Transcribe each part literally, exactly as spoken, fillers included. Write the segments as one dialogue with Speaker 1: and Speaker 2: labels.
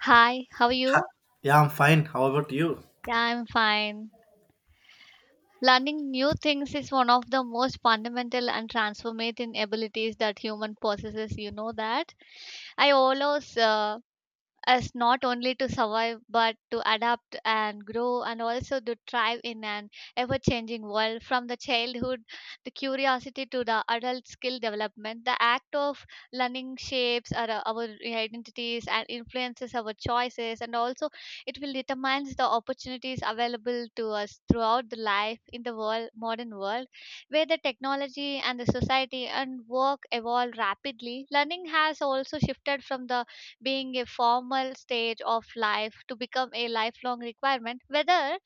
Speaker 1: Hi, how are you?
Speaker 2: Yeah, I'm fine. How about you?
Speaker 1: Yeah, I'm fine. Learning new things is one of the most fundamental and transformative abilities that human possesses. You know that. I always uh, us not only to survive but to adapt and grow, and also to thrive in an ever changing world. From the childhood the curiosity to the adult skill development, the act of learning shapes our, our identities and influences our choices, and also it will determine the opportunities available to us throughout the life in the world modern world, where the technology and the society and work evolve rapidly. Learning has also shifted from the being a formal stage of life to become a lifelong requirement. Whether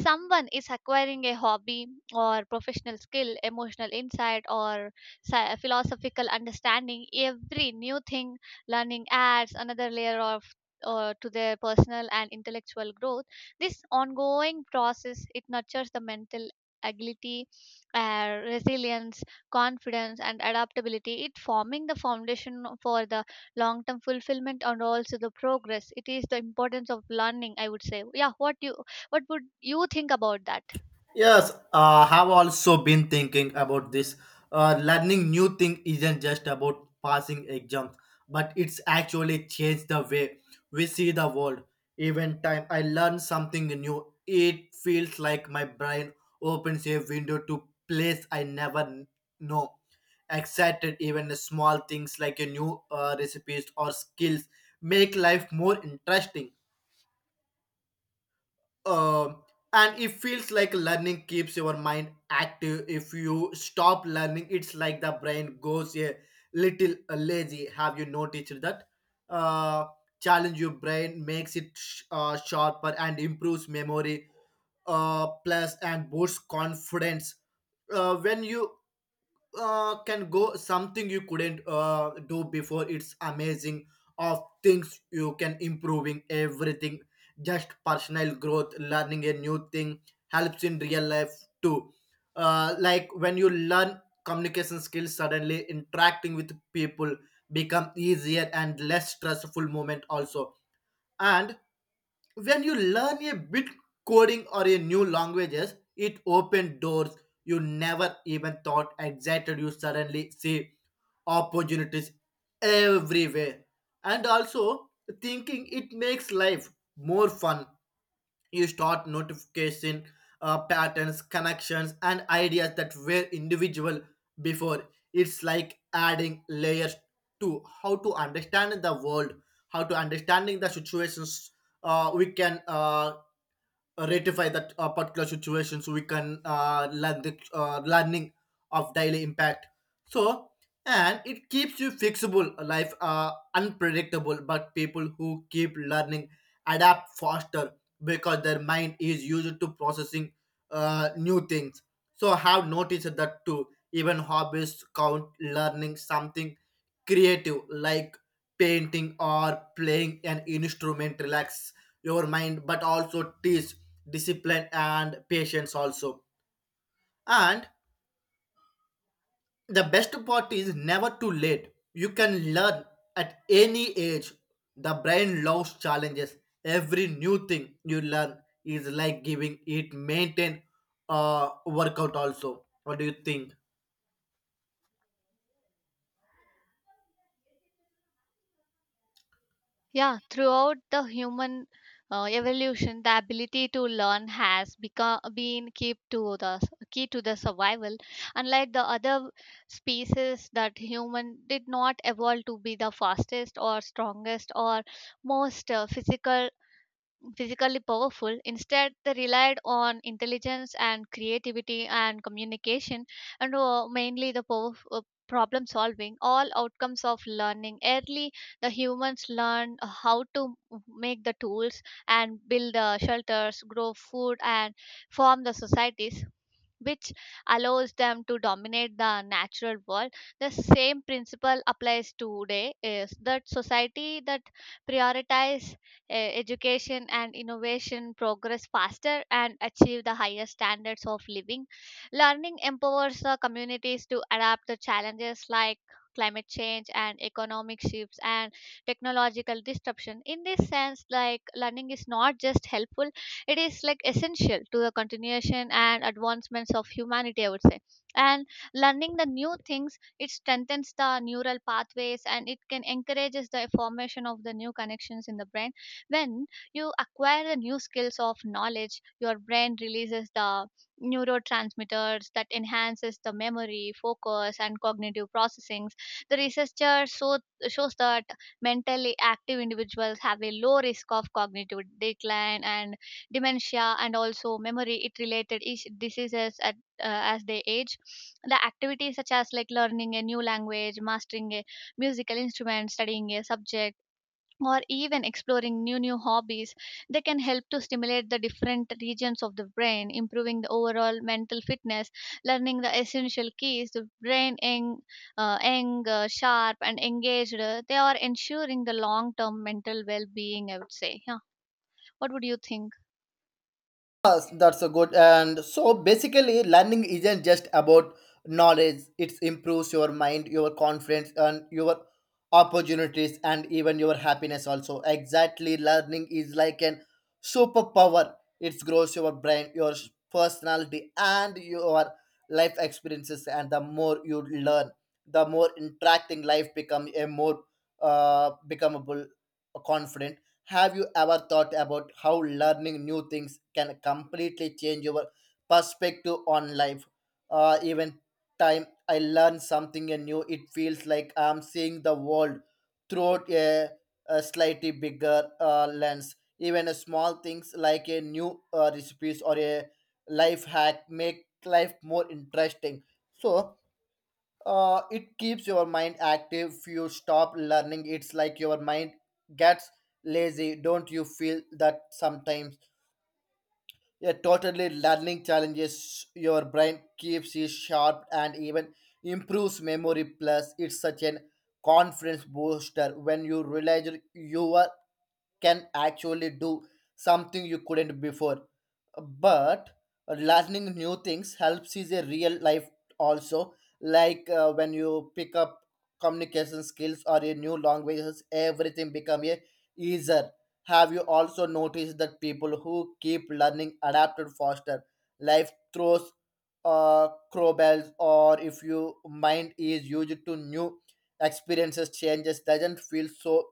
Speaker 1: someone is acquiring a hobby or professional skill, emotional insight, or sci- philosophical understanding, every new thing learning adds another layer of uh, to their personal and intellectual growth. This ongoing process, it nurtures the mental agility, uh, resilience, confidence and adaptability. It forming the foundation for the long term fulfillment and also the progress. It is the importance of learning, I would say. Yeah, what you what would you think about that?
Speaker 2: Yes, uh, have also been thinking about this. Uh, learning new thing isn't just about passing exams, but it's actually changed the way we see the world. Even time I learn something new, it feels like my brain opens a window to place I never kn- know. Excited, even small things like a new uh, recipes or skills make life more interesting. um and it feels like learning keeps your mind active. If you stop learning, it's like the brain goes a little lazy. Have you noticed that? uh challenge your brain makes it sh- uh, sharper and improves memory, uh plus and boosts confidence uh, when you uh, can go something you couldn't uh, do before. It's amazing of things you can improving everything, just personal growth. Learning a new thing helps in real life too. Uh, like when you learn communication skills, suddenly interacting with people become easier and less stressful moment also. And when you learn a bit coding or a new languages, it opened doors you never even thought existed. You suddenly see opportunities everywhere, and also thinking it makes life more fun. You start notification uh, patterns, connections, and ideas that were individual before. It's like adding layers to how to understand the world, how to understanding the situations. Uh, we can uh, uh, rectify that uh, particular situation, so we can uh, learn the uh, learning of daily impact. So, and it keeps you fixable. Life uh, unpredictable, but people who keep learning adapt faster because their mind is used to processing uh, new things. So I have noticed that too. Even hobbies count. Learning something creative like painting or playing an instrument relax your mind, but also teach discipline and patience also. And the best part is never too late. You can learn at any age. The brain loves challenges. Every new thing you learn is like giving it maintain uh workout also. What do you think?
Speaker 1: Yeah, throughout the human uh, evolution, the ability to learn has become been key to the key to the survival. Unlike the other species, that human did not evolve to be the fastest or strongest or most uh, physical physically powerful. Instead, they relied on intelligence and creativity and communication, and uh, mainly the power, uh, problem solving, all outcomes of learning. Early, the humans learned how to make the tools and build the shelters, grow food, and form the societies, which allows them to dominate the natural world. The same principle applies today: is that society that prioritize uh, education and innovation progress faster and achieve the higher standards of living. Learning empowers the communities to adapt the challenges like climate change and economic shifts and technological disruption. In this sense, like, learning is not just helpful, it is like essential to the continuation and advancements of humanity, I would say. And learning the new things, it strengthens the neural pathways and it can encourages the formation of the new connections in the brain. When you acquire the new skills of knowledge, your brain releases the neurotransmitters that enhances the memory focus and cognitive processings. The researcher so, shows that mentally active individuals have a low risk of cognitive decline and dementia, and also memory it related is- diseases at, uh, as they age. The activities such as like learning a new language, mastering a musical instrument, studying a subject, or even exploring new new hobbies, they can help to stimulate the different regions of the brain, improving the overall mental fitness. Learning the essential keys the brain young, uh, young uh, sharp and engaged, uh, they are ensuring the long term mental well being, I would say. Yeah, what would you think?
Speaker 2: Yes, that's a good. And so basically, learning isn't just about knowledge. It improves your mind, your confidence, and your opportunities, and even your happiness. Also, exactly, learning is like an superpower. It grows your brain, your personality, and your life experiences. And the more you learn, the more interacting life become a more uh, becomable, confident. Have you ever thought about how learning new things can completely change your perspective on life? Uh, even time I learn something new, it feels like I'm seeing the world through a, a slightly bigger uh, lens. Even a small things like a new uh, recipes or a life hack make life more interesting. So uh, it keeps your mind active. You stop learning, it's like your mind gets lazy. Don't you feel that sometimes? Yeah, totally. Learning challenges your brain, keeps you sharp and even improves memory, plus it's such an confidence booster when you realize you are can actually do something you couldn't before. But learning new things helps is a real life also, like uh, when you pick up communication skills or a new languages, everything become a easier. Have you also noticed that people who keep learning adapted faster? Life throws uh, crowbells, or if your mind is used to new experiences, changes doesn't feel so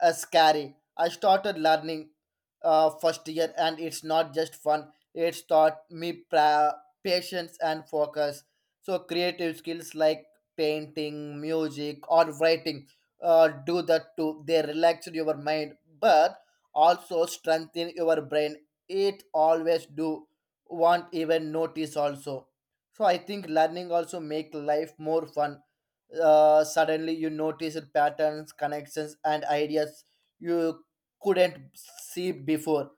Speaker 2: uh, scary. I started learning uh, first year, and it's not just fun. It's taught me pra- patience and focus. So creative skills like painting, music, or writing uh, do that too. They relax your mind, but also strengthen your brain. It always do. Won't even notice also. So I think learning also make life more fun. Uh, suddenly you notice patterns, connections, and ideas you couldn't see before.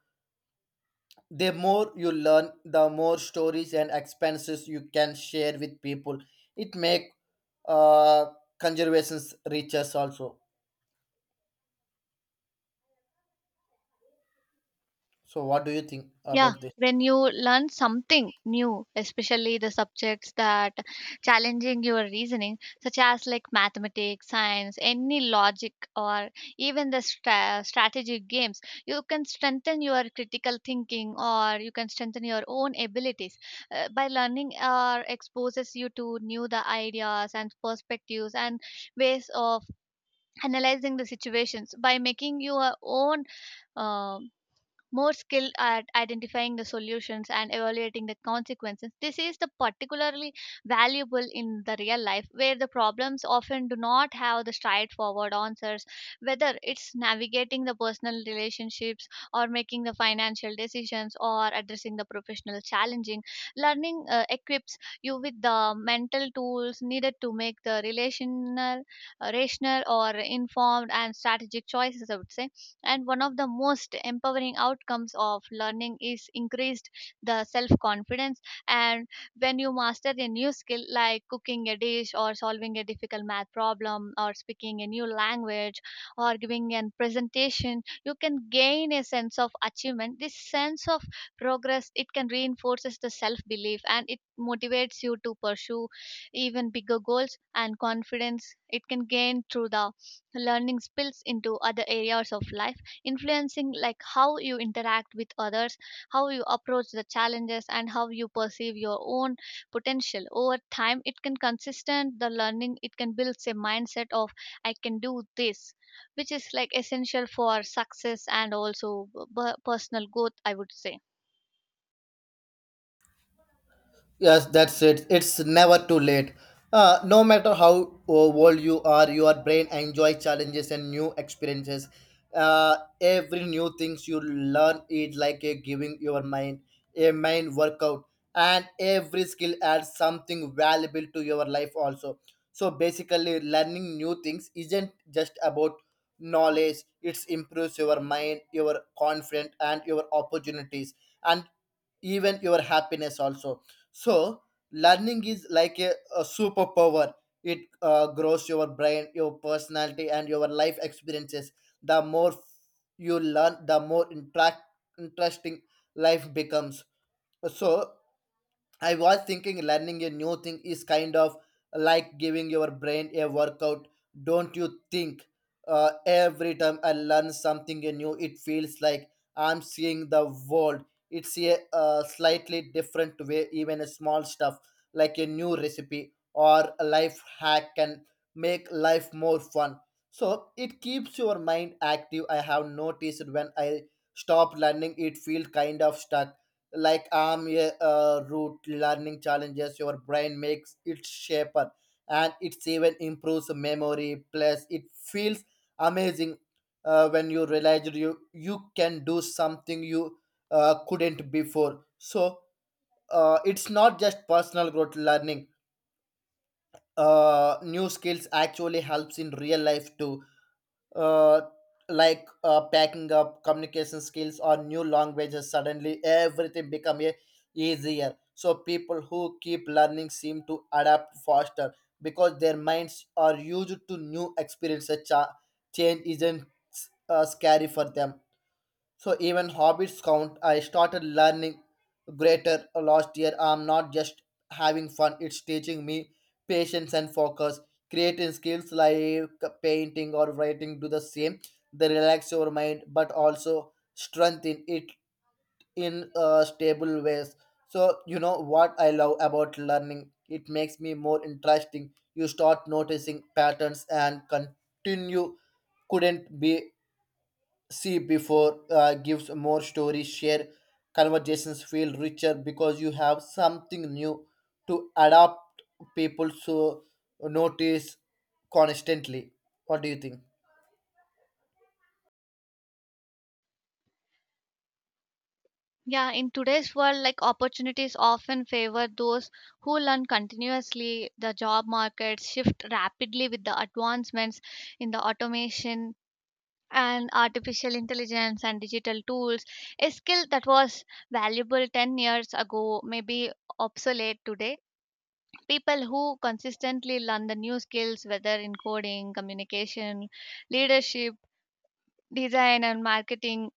Speaker 2: The more you learn, the more stories and experiences you can share with people. It make uh, conservations richer, also. So, what do you think
Speaker 1: Yeah,
Speaker 2: about this?
Speaker 1: when you learn something new, especially the subjects that challenging your reasoning, such as like mathematics, science, any logic, or even the stra- strategy games, you can strengthen your critical thinking, or you can strengthen your own abilities uh, by learning. Or exposes you to new the ideas and perspectives and ways of analyzing the situations by making your own um, more skilled at identifying the solutions and evaluating the consequences. This is the particularly valuable in the real life, where the problems often do not have the straightforward answers, whether it's navigating the personal relationships or making the financial decisions or addressing the professional challenging. Learning uh, equips you with the mental tools needed to make the relational, uh, rational or informed and strategic choices, I would say. And one of the most empowering outcomes of learning is increased the self confidence. And when you master a new skill, like cooking a dish or solving a difficult math problem or speaking a new language or giving an presentation, you can gain a sense of achievement. This sense of progress, it can reinforces the self belief and it motivates you to pursue even bigger goals. And confidence it can gain through the learning spills into other areas of life, influencing like how you interact with others, how you approach the challenges, and how you perceive your own potential. Over time, it can consistent the learning. It can build a mindset of I can do this, which is like essential for success and also b- personal growth. I would say.
Speaker 2: Yes, that's it. It's never too late. Uh, no matter how uh, old you are, your brain enjoys challenges and new experiences. Uh, every new things you learn is like a giving your mind a mind workout, and every skill adds something valuable to your life also. So basically, learning new things isn't just about knowledge. It improves your mind, your confidence, and your opportunities, and even your happiness also. So learning is like a, a superpower. It uh, grows your brain, your personality, and your life experiences. The more you learn, the more interact, interesting life becomes. So I was thinking learning a new thing is kind of like giving your brain a workout, don't you think? Uh, every time I learn something new, it feels like I'm seeing the world. It's a uh, slightly different way. Even a small stuff like a new recipe or a life hack can make life more fun. So it keeps your mind active. I have noticed when I stop learning, it feels kind of stuck like arm uh, root. Learning challenges your brain, makes it shaper, and it's even improves memory, plus it feels amazing uh, when you realize you you can do something you uh, couldn't before. So uh, it's not just personal growth. Learning uh, new skills actually helps in real life too. uh, like uh, packing up communication skills or new languages, suddenly everything become a, easier. So people who keep learning seem to adapt faster because their minds are used to new experiences. Cha- change isn't uh, scary for them. So even hobbies count. I started learning greater last year. I'm not just having fun, it's teaching me patience and focus. Creating skills like painting or writing do the same. They relax your mind but also strengthen it in uh, stable ways. So you know what I love about learning? It makes me more interesting. You start noticing patterns and continue couldn't be see before. Uh, gives more stories share, conversations feel richer because you have something new to adapt people to notice constantly. What do you think?
Speaker 1: Yeah, in today's world, like opportunities often favor those who learn continuously. The job markets shift rapidly with the advancements in the automation and artificial intelligence and digital tools. A skill that was valuable ten years ago may be obsolete today. People who consistently learn the new skills, whether in coding, communication, leadership, design, and marketing,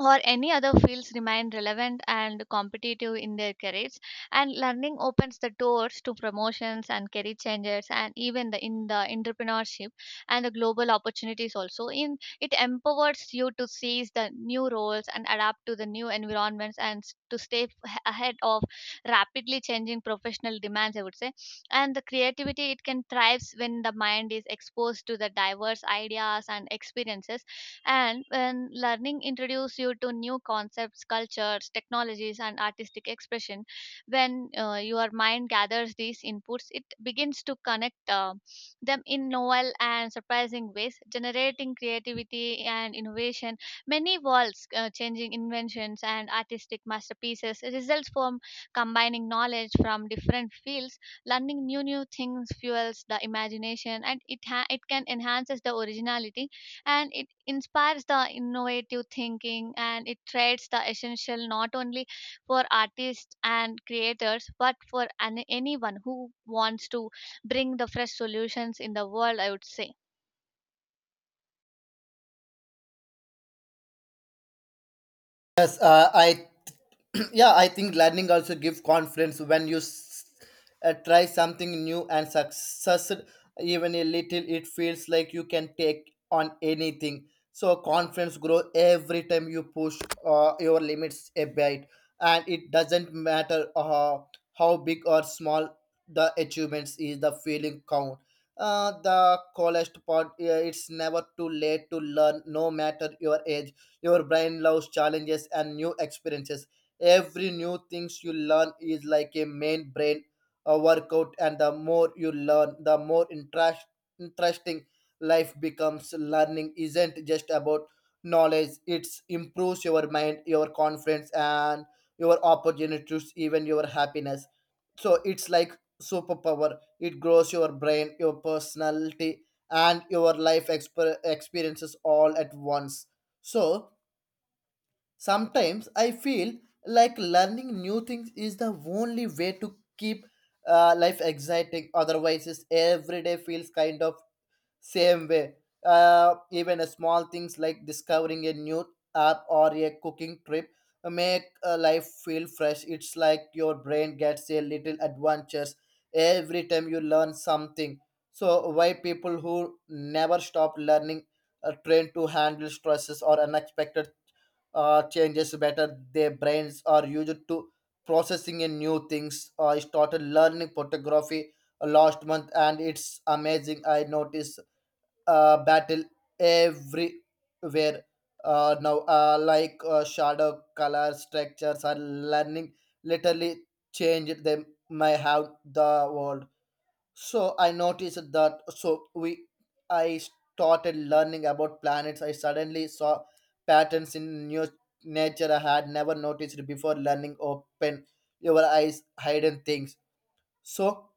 Speaker 1: or any other fields, remain relevant and competitive in their careers. And learning opens the doors to promotions and career changes, and even the in the entrepreneurship and the global opportunities also. In it empowers you to seize the new roles and adapt to the new environments and s- to stay f- ahead of rapidly changing professional demands, I would say. And the creativity, it can thrives when the mind is exposed to the diverse ideas and experiences. And when learning introduces you to new concepts, cultures, technologies, and artistic expression, when uh, your mind gathers these inputs, it begins to connect uh, them in novel and surprising ways, generating creativity and innovation. Many worlds, uh, changing inventions, and artistic masterpieces results from combining knowledge from different fields. Learning new new things fuels the imagination, and it ha- it can enhances the originality, and it inspires the innovative thinking, and it creates the essential not only for artists and creators, but for an- anyone who wants to bring the fresh solutions in the world, I would say.
Speaker 2: Yes, uh, I yeah, I think learning also gives confidence when you s- uh, try something new and success, even a little. It feels like you can take on anything. So confidence grows every time you push uh, your limits a bit, and it doesn't matter uh, how big or small the achievements is. The feeling count. Uh, the coolest part, uh, it's never too late to learn, no matter your age. Your brain loves challenges and new experiences. Every new things you learn is like a main brain a workout, and the more you learn, the more interest, interesting life becomes. Learning isn't just about knowledge. It improves your mind, your confidence, and your opportunities, even your happiness. So it's like superpower. It grows your brain, your personality, and your life exper- experiences all at once. So sometimes I feel like learning new things is the only way to keep uh, life exciting. Otherwise, it's every day feels kind of same way. Uh, even a small things like discovering a new app or a cooking trip make a life feel fresh. It's like your brain gets a little adventures every time you learn something. So why people who never stop learning are trained to handle stresses or unexpected uh, changes better. Their brains are used to processing in new things. I started learning photography last month and it's amazing. I noticed uh, battle everywhere uh, now, uh, like uh, shadow color structures are learning literally changed them may have the world. So I noticed that. So we, I started learning about planets. I suddenly saw patterns in new nature I had never noticed before. Learning open your eyes, hidden things. So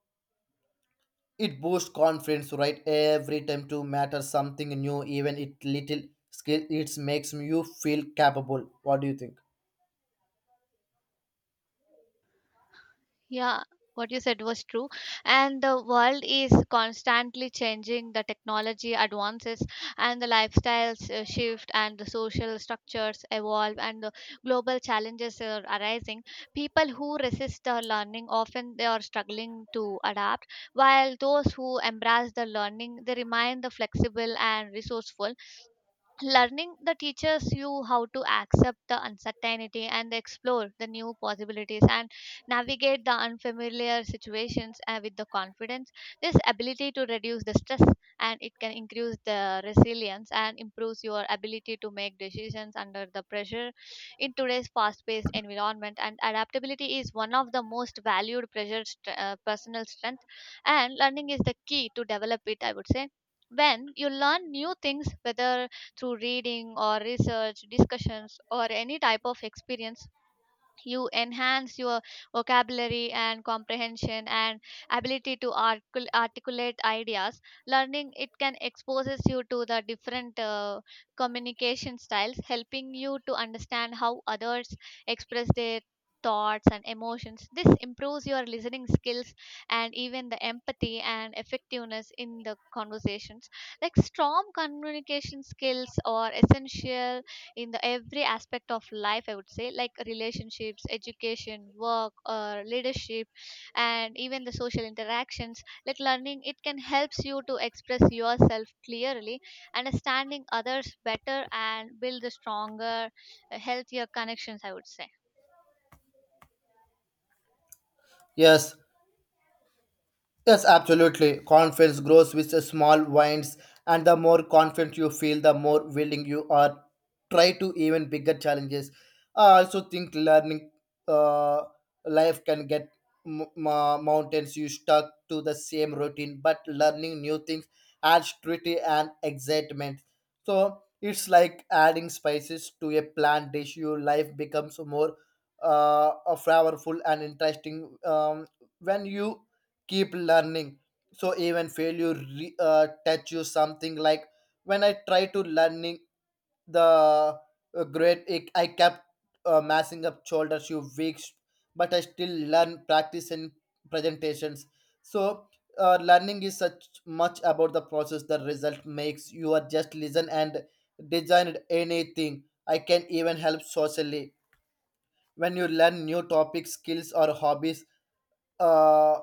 Speaker 2: it boosts confidence, right? Every time to matter something new, even it little skill, it makes you feel capable. What do you think?
Speaker 1: Yeah, what you said was true. And the world is constantly changing. The technology advances and the lifestyles uh, shift, and the social structures evolve, and the global challenges are arising. People who resist the learning often, they are struggling to adapt, while those who embrace the learning, they remain the flexible and resourceful. Learning the teaches you how to accept the uncertainty and explore the new possibilities and navigate the unfamiliar situations uh, with the confidence. This ability to reduce the stress, and it can increase the resilience and improves your ability to make decisions under the pressure in today's fast paced environment. And adaptability is one of the most valued pressure st- uh, personal strength, and learning is the key to develop it, I would say. When you learn new things, whether through reading or research discussions or any type of experience, you enhance your vocabulary and comprehension and ability to articul- articulate ideas. Learning, it can exposes you to the different uh, communication styles, helping you to understand how others express their thoughts and emotions. This improves your listening skills and even the empathy and effectiveness in the conversations. Like, strong communication skills are essential in the every aspect of life, I would say, like relationships, education, work, or leadership, and even the social interactions. Like, learning, it can helps you to express yourself clearly, understanding others better, and build a stronger, uh, healthier connections, I would say.
Speaker 2: Yes. Yes, absolutely. Confidence grows with the small wins, and the more confident you feel, the more willing you are try to even bigger challenges. I also think learning uh, life can get m- m- mountains. You stuck to the same routine, but learning new things adds beauty and excitement. So it's like adding spices to a plant dish. Your life becomes more uh, uh, flavorful and interesting um, when you keep learning. So even failure re- uh, teach you something. Like when i try to learning the uh, grade it, i kept uh, messing up shoulders you weeks, but i still learn practice and presentations. So uh, learning is such much about the process. The result makes you are just listen and design anything i can even help socially when you learn new topics, skills, or hobbies. Uh,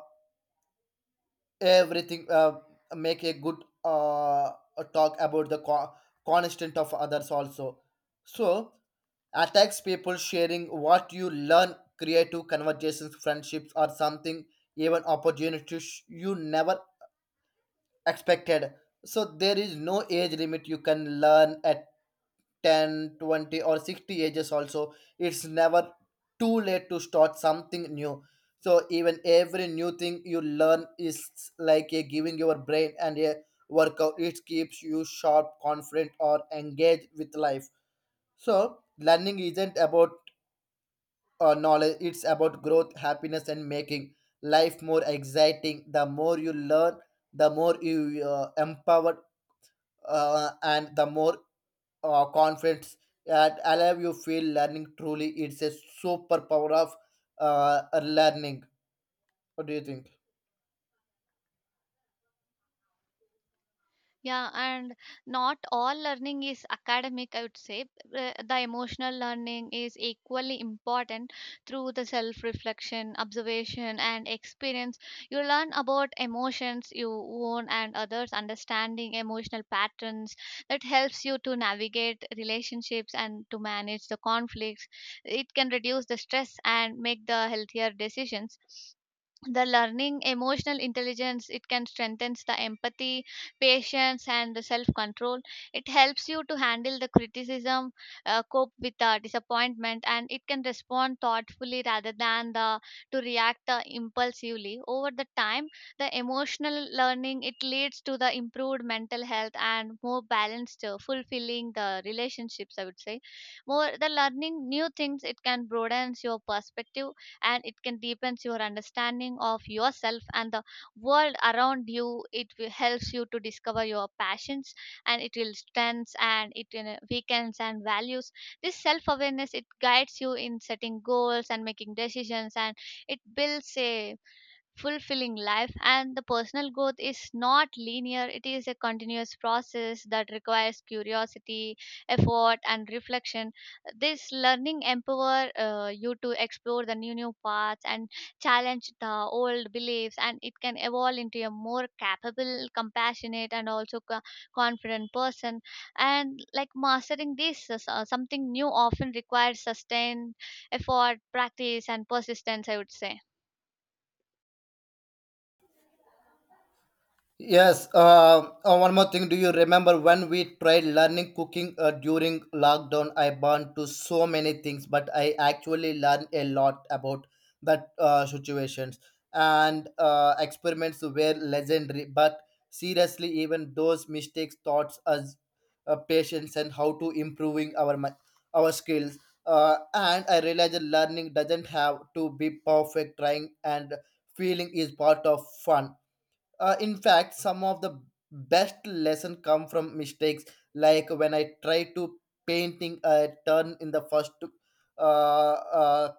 Speaker 2: Everything uh, make a good uh, talk about the co- constant of others also. So attacks people sharing what you learn, creative conversations, friendships, or something, even opportunities you never expected. So there is no age limit. You can learn at Ten, twenty, or sixty ages also. It's never too late to start something new. So even every new thing you learn is like a giving your brain and a workout. It keeps you sharp, confident, or engaged with life. So learning isn't about uh, knowledge. It's about growth, happiness, and making life more exciting. The more you learn, the more you uh, empowered uh, and the more uh, confidence that allow you feel. Learning truly it's a superpower of uh, learning. What do you think?
Speaker 1: Yeah, and not all learning is academic, I would say. Uh, The emotional learning is equally important through the self reflection, observation, and experience. You learn about emotions you own and others, understanding emotional patterns that helps you to navigate relationships and to manage the conflicts. It can reduce the stress and make the healthier decisions. The learning emotional intelligence, it can strengthen the empathy, patience, and the self control. It helps you to handle the criticism, uh, cope with the disappointment, and it can respond thoughtfully rather than the to react uh, impulsively. Over the time, the emotional learning, it leads to the improved mental health and more balanced, uh, fulfilling the relationships, I would say. More the learning new things, it can broadens your perspective and it can deepen your understanding of yourself and the world around you. It will helps you to discover your passions, and it will strengths, and it, you know, weakens and values. This self awareness, it guides you in setting goals and making decisions, and it builds a fulfilling life. And the personal growth is not linear. It is a continuous process that requires curiosity, effort, and reflection. This learning empower uh, you to explore the new new paths and challenge the old beliefs, and it can evolve into a more capable, compassionate, and also co- confident person. And like mastering this is, uh, something new often requires sustained effort, practice, and persistence, I would say.
Speaker 2: Yes, uh, uh, one more thing. Do you remember when we tried learning cooking uh, during lockdown? I burned to so many things, but I actually learned a lot about that uh, situations, and uh, experiments were legendary. But seriously, even those mistakes taught us uh, patience and how to improving our mi- our skills. Uh, and I realized that learning doesn't have to be perfect. Trying and feeling is part of fun. Uh, in fact, some of the best lesson come from mistakes. Like when I tried to painting a turn in the first uh, uh,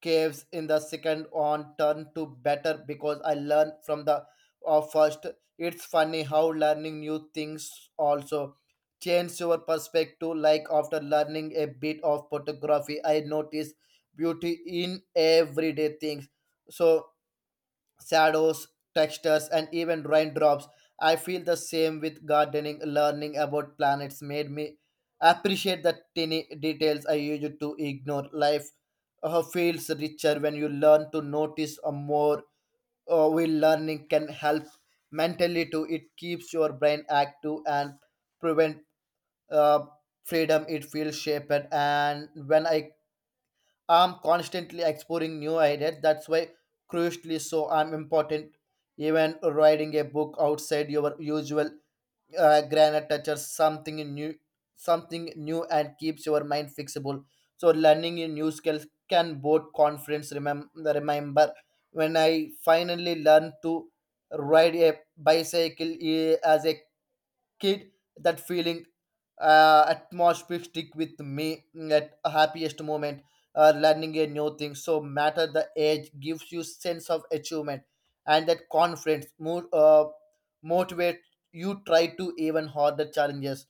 Speaker 2: caves, in the second on turn to better because I learned from the uh, first. It's funny how learning new things also change your perspective. Like after learning a bit of photography, I notice beauty in everyday things. So shadows, textures, and even raindrops. I feel the same with gardening. Learning about planets made me appreciate the tiny details I used to ignore. Life uh, feels richer when you learn to notice uh, more. Uh, will learning can help mentally too. It keeps your brain active and prevent uh, freedom. It feels shaped. And when I I'm constantly exploring new ideas. That's why crucially so I'm important. Even writing a book outside your usual uh, granite touches something new, something new, and keeps your mind fixable. So learning a new skills can both confidence. Remember, remember when I finally learned to ride a bicycle eh, as a kid, that feeling uh, atmosphere stick with me at a happiest moment. Uh, learning a new thing so matter the age gives you sense of achievement, and that confidence more uh, motivate you try to even harder challenges.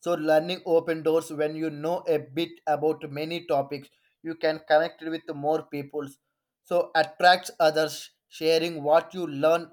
Speaker 2: So learning open doors. When you know a bit about many topics, you can connect with more people. So attracts others sharing what you learn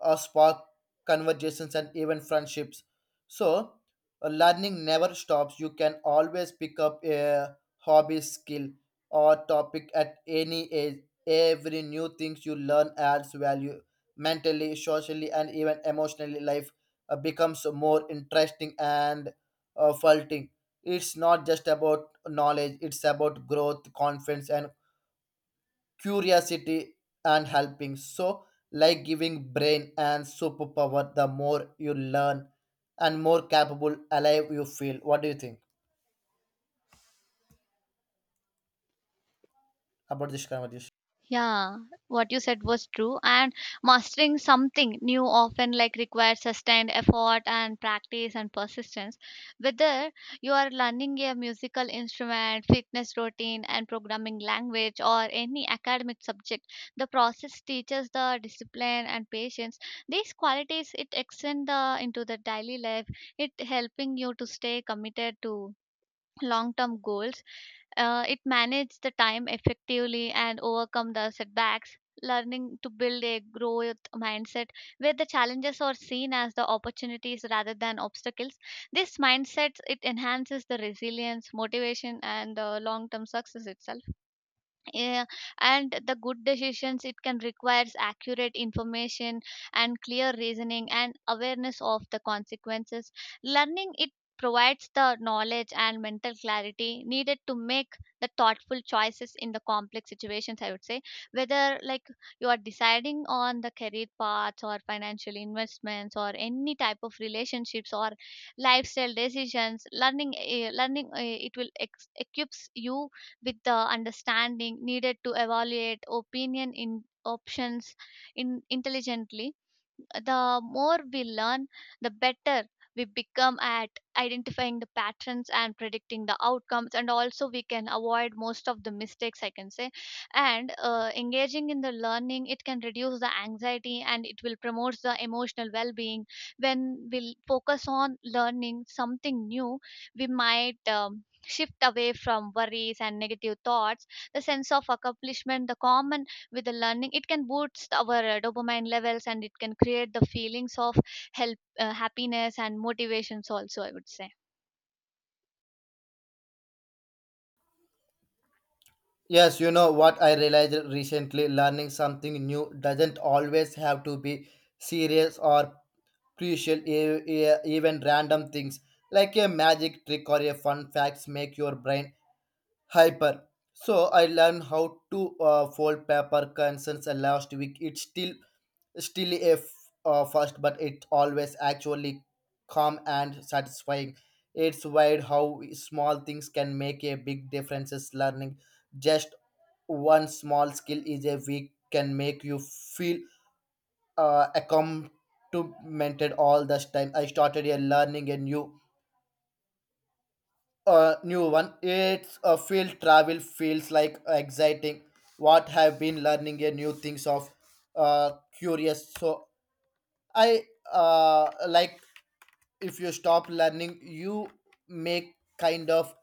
Speaker 2: uh, spark conversations and even friendships. So, uh, learning never stops. You can always pick up a hobby, skill, or topic at any age. Every new things you learn adds value mentally, socially, and even emotionally. Life uh, becomes more interesting and uh, fulfilling. It's not just about knowledge; it's about growth, confidence, and curiosity and helping. So like giving brain and superpower, the more you learn and more capable alive you feel. What do you think about this conversation?
Speaker 1: Yeah, what you said was true. And mastering something new often, like, requires sustained effort and practice and persistence. Whether you are learning a musical instrument, fitness routine, and programming language, or any academic subject, the process teaches the discipline and patience. These qualities, it extend the into the daily life. It helping you to stay committed to long-term goals, uh, it managed the time effectively and overcome the setbacks. Learning to build a growth mindset where the challenges are seen as the opportunities rather than obstacles. This mindset, it enhances the resilience, motivation, and the long-term success itself. Yeah, and the good decisions, it can requires accurate information and clear reasoning and awareness of the consequences. Learning, it provides the knowledge and mental clarity needed to make the thoughtful choices in the complex situations, I would say. Whether, like, you are deciding on the career paths or financial investments or any type of relationships or lifestyle decisions, learning eh, learning eh, it will ex- equips you with the understanding needed to evaluate opinion in options in intelligently. The more we learn, the better we become at identifying the patterns and predicting the outcomes, and also we can avoid most of the mistakes, I can say. And uh, engaging in the learning, it can reduce the anxiety and it will promote the emotional well being. When we focus on learning something new, we might. Um, shift away from worries and negative thoughts. The sense of accomplishment the common with the learning, it can boost our uh, dopamine levels, and it can create the feelings of help uh, happiness and motivations also, I would say.
Speaker 2: Yes, you know what, I realized recently learning something new doesn't always have to be serious or crucial. E- e- even random things like a magic trick or a fun facts make your brain hyper. So I learned how to uh, fold paper concerns last week. It still still a f- uh, first, but it's always actually calm and satisfying. It's weird how small things can make a big differences. Learning just one small skill is a week can make you feel uh, accomplishmented all this time. I started a learning a new uh, new one. It's a field travel feels like exciting. What have been learning a new things of uh, curious. So I uh, like, if you stop learning, you make kind of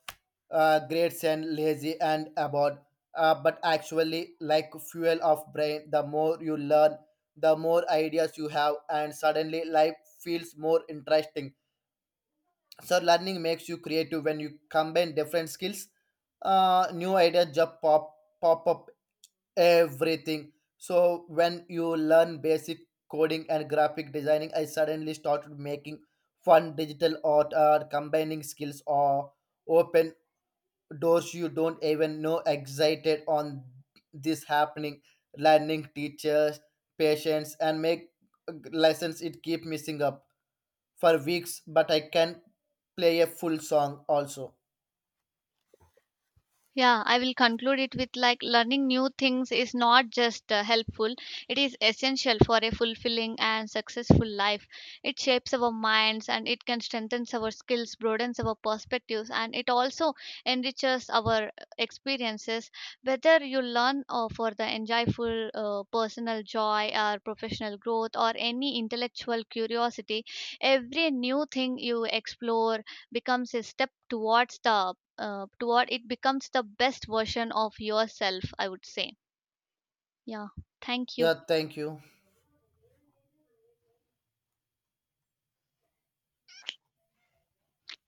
Speaker 2: uh, grades and lazy and about. Uh, but actually, like fuel of brain, the more you learn, the more ideas you have, and suddenly life feels more interesting. So learning makes you creative. When you combine different skills, Uh, new ideas just pop pop up everything. So when you learn basic coding and graphic designing, i suddenly started making fun digital art. Uh, combining skills or open doors you don't even know excited on this happening. Learning teachers patients and make uh, lessons. It keep missing up for weeks, but i can play a full song also.
Speaker 1: Yeah, I will conclude it with, like, learning new things is not just uh, helpful, it is essential for a fulfilling and successful life. It shapes our minds, and it can strengthen our skills, broadens our perspectives, and it also enriches our uh, experiences. Whether you learn uh, for the enjoyable uh, personal joy or professional growth or any intellectual curiosity, every new thing you explore becomes a step towards the uh, toward it becomes the best version of yourself, I would say. Yeah, thank you.
Speaker 2: Yeah, thank you.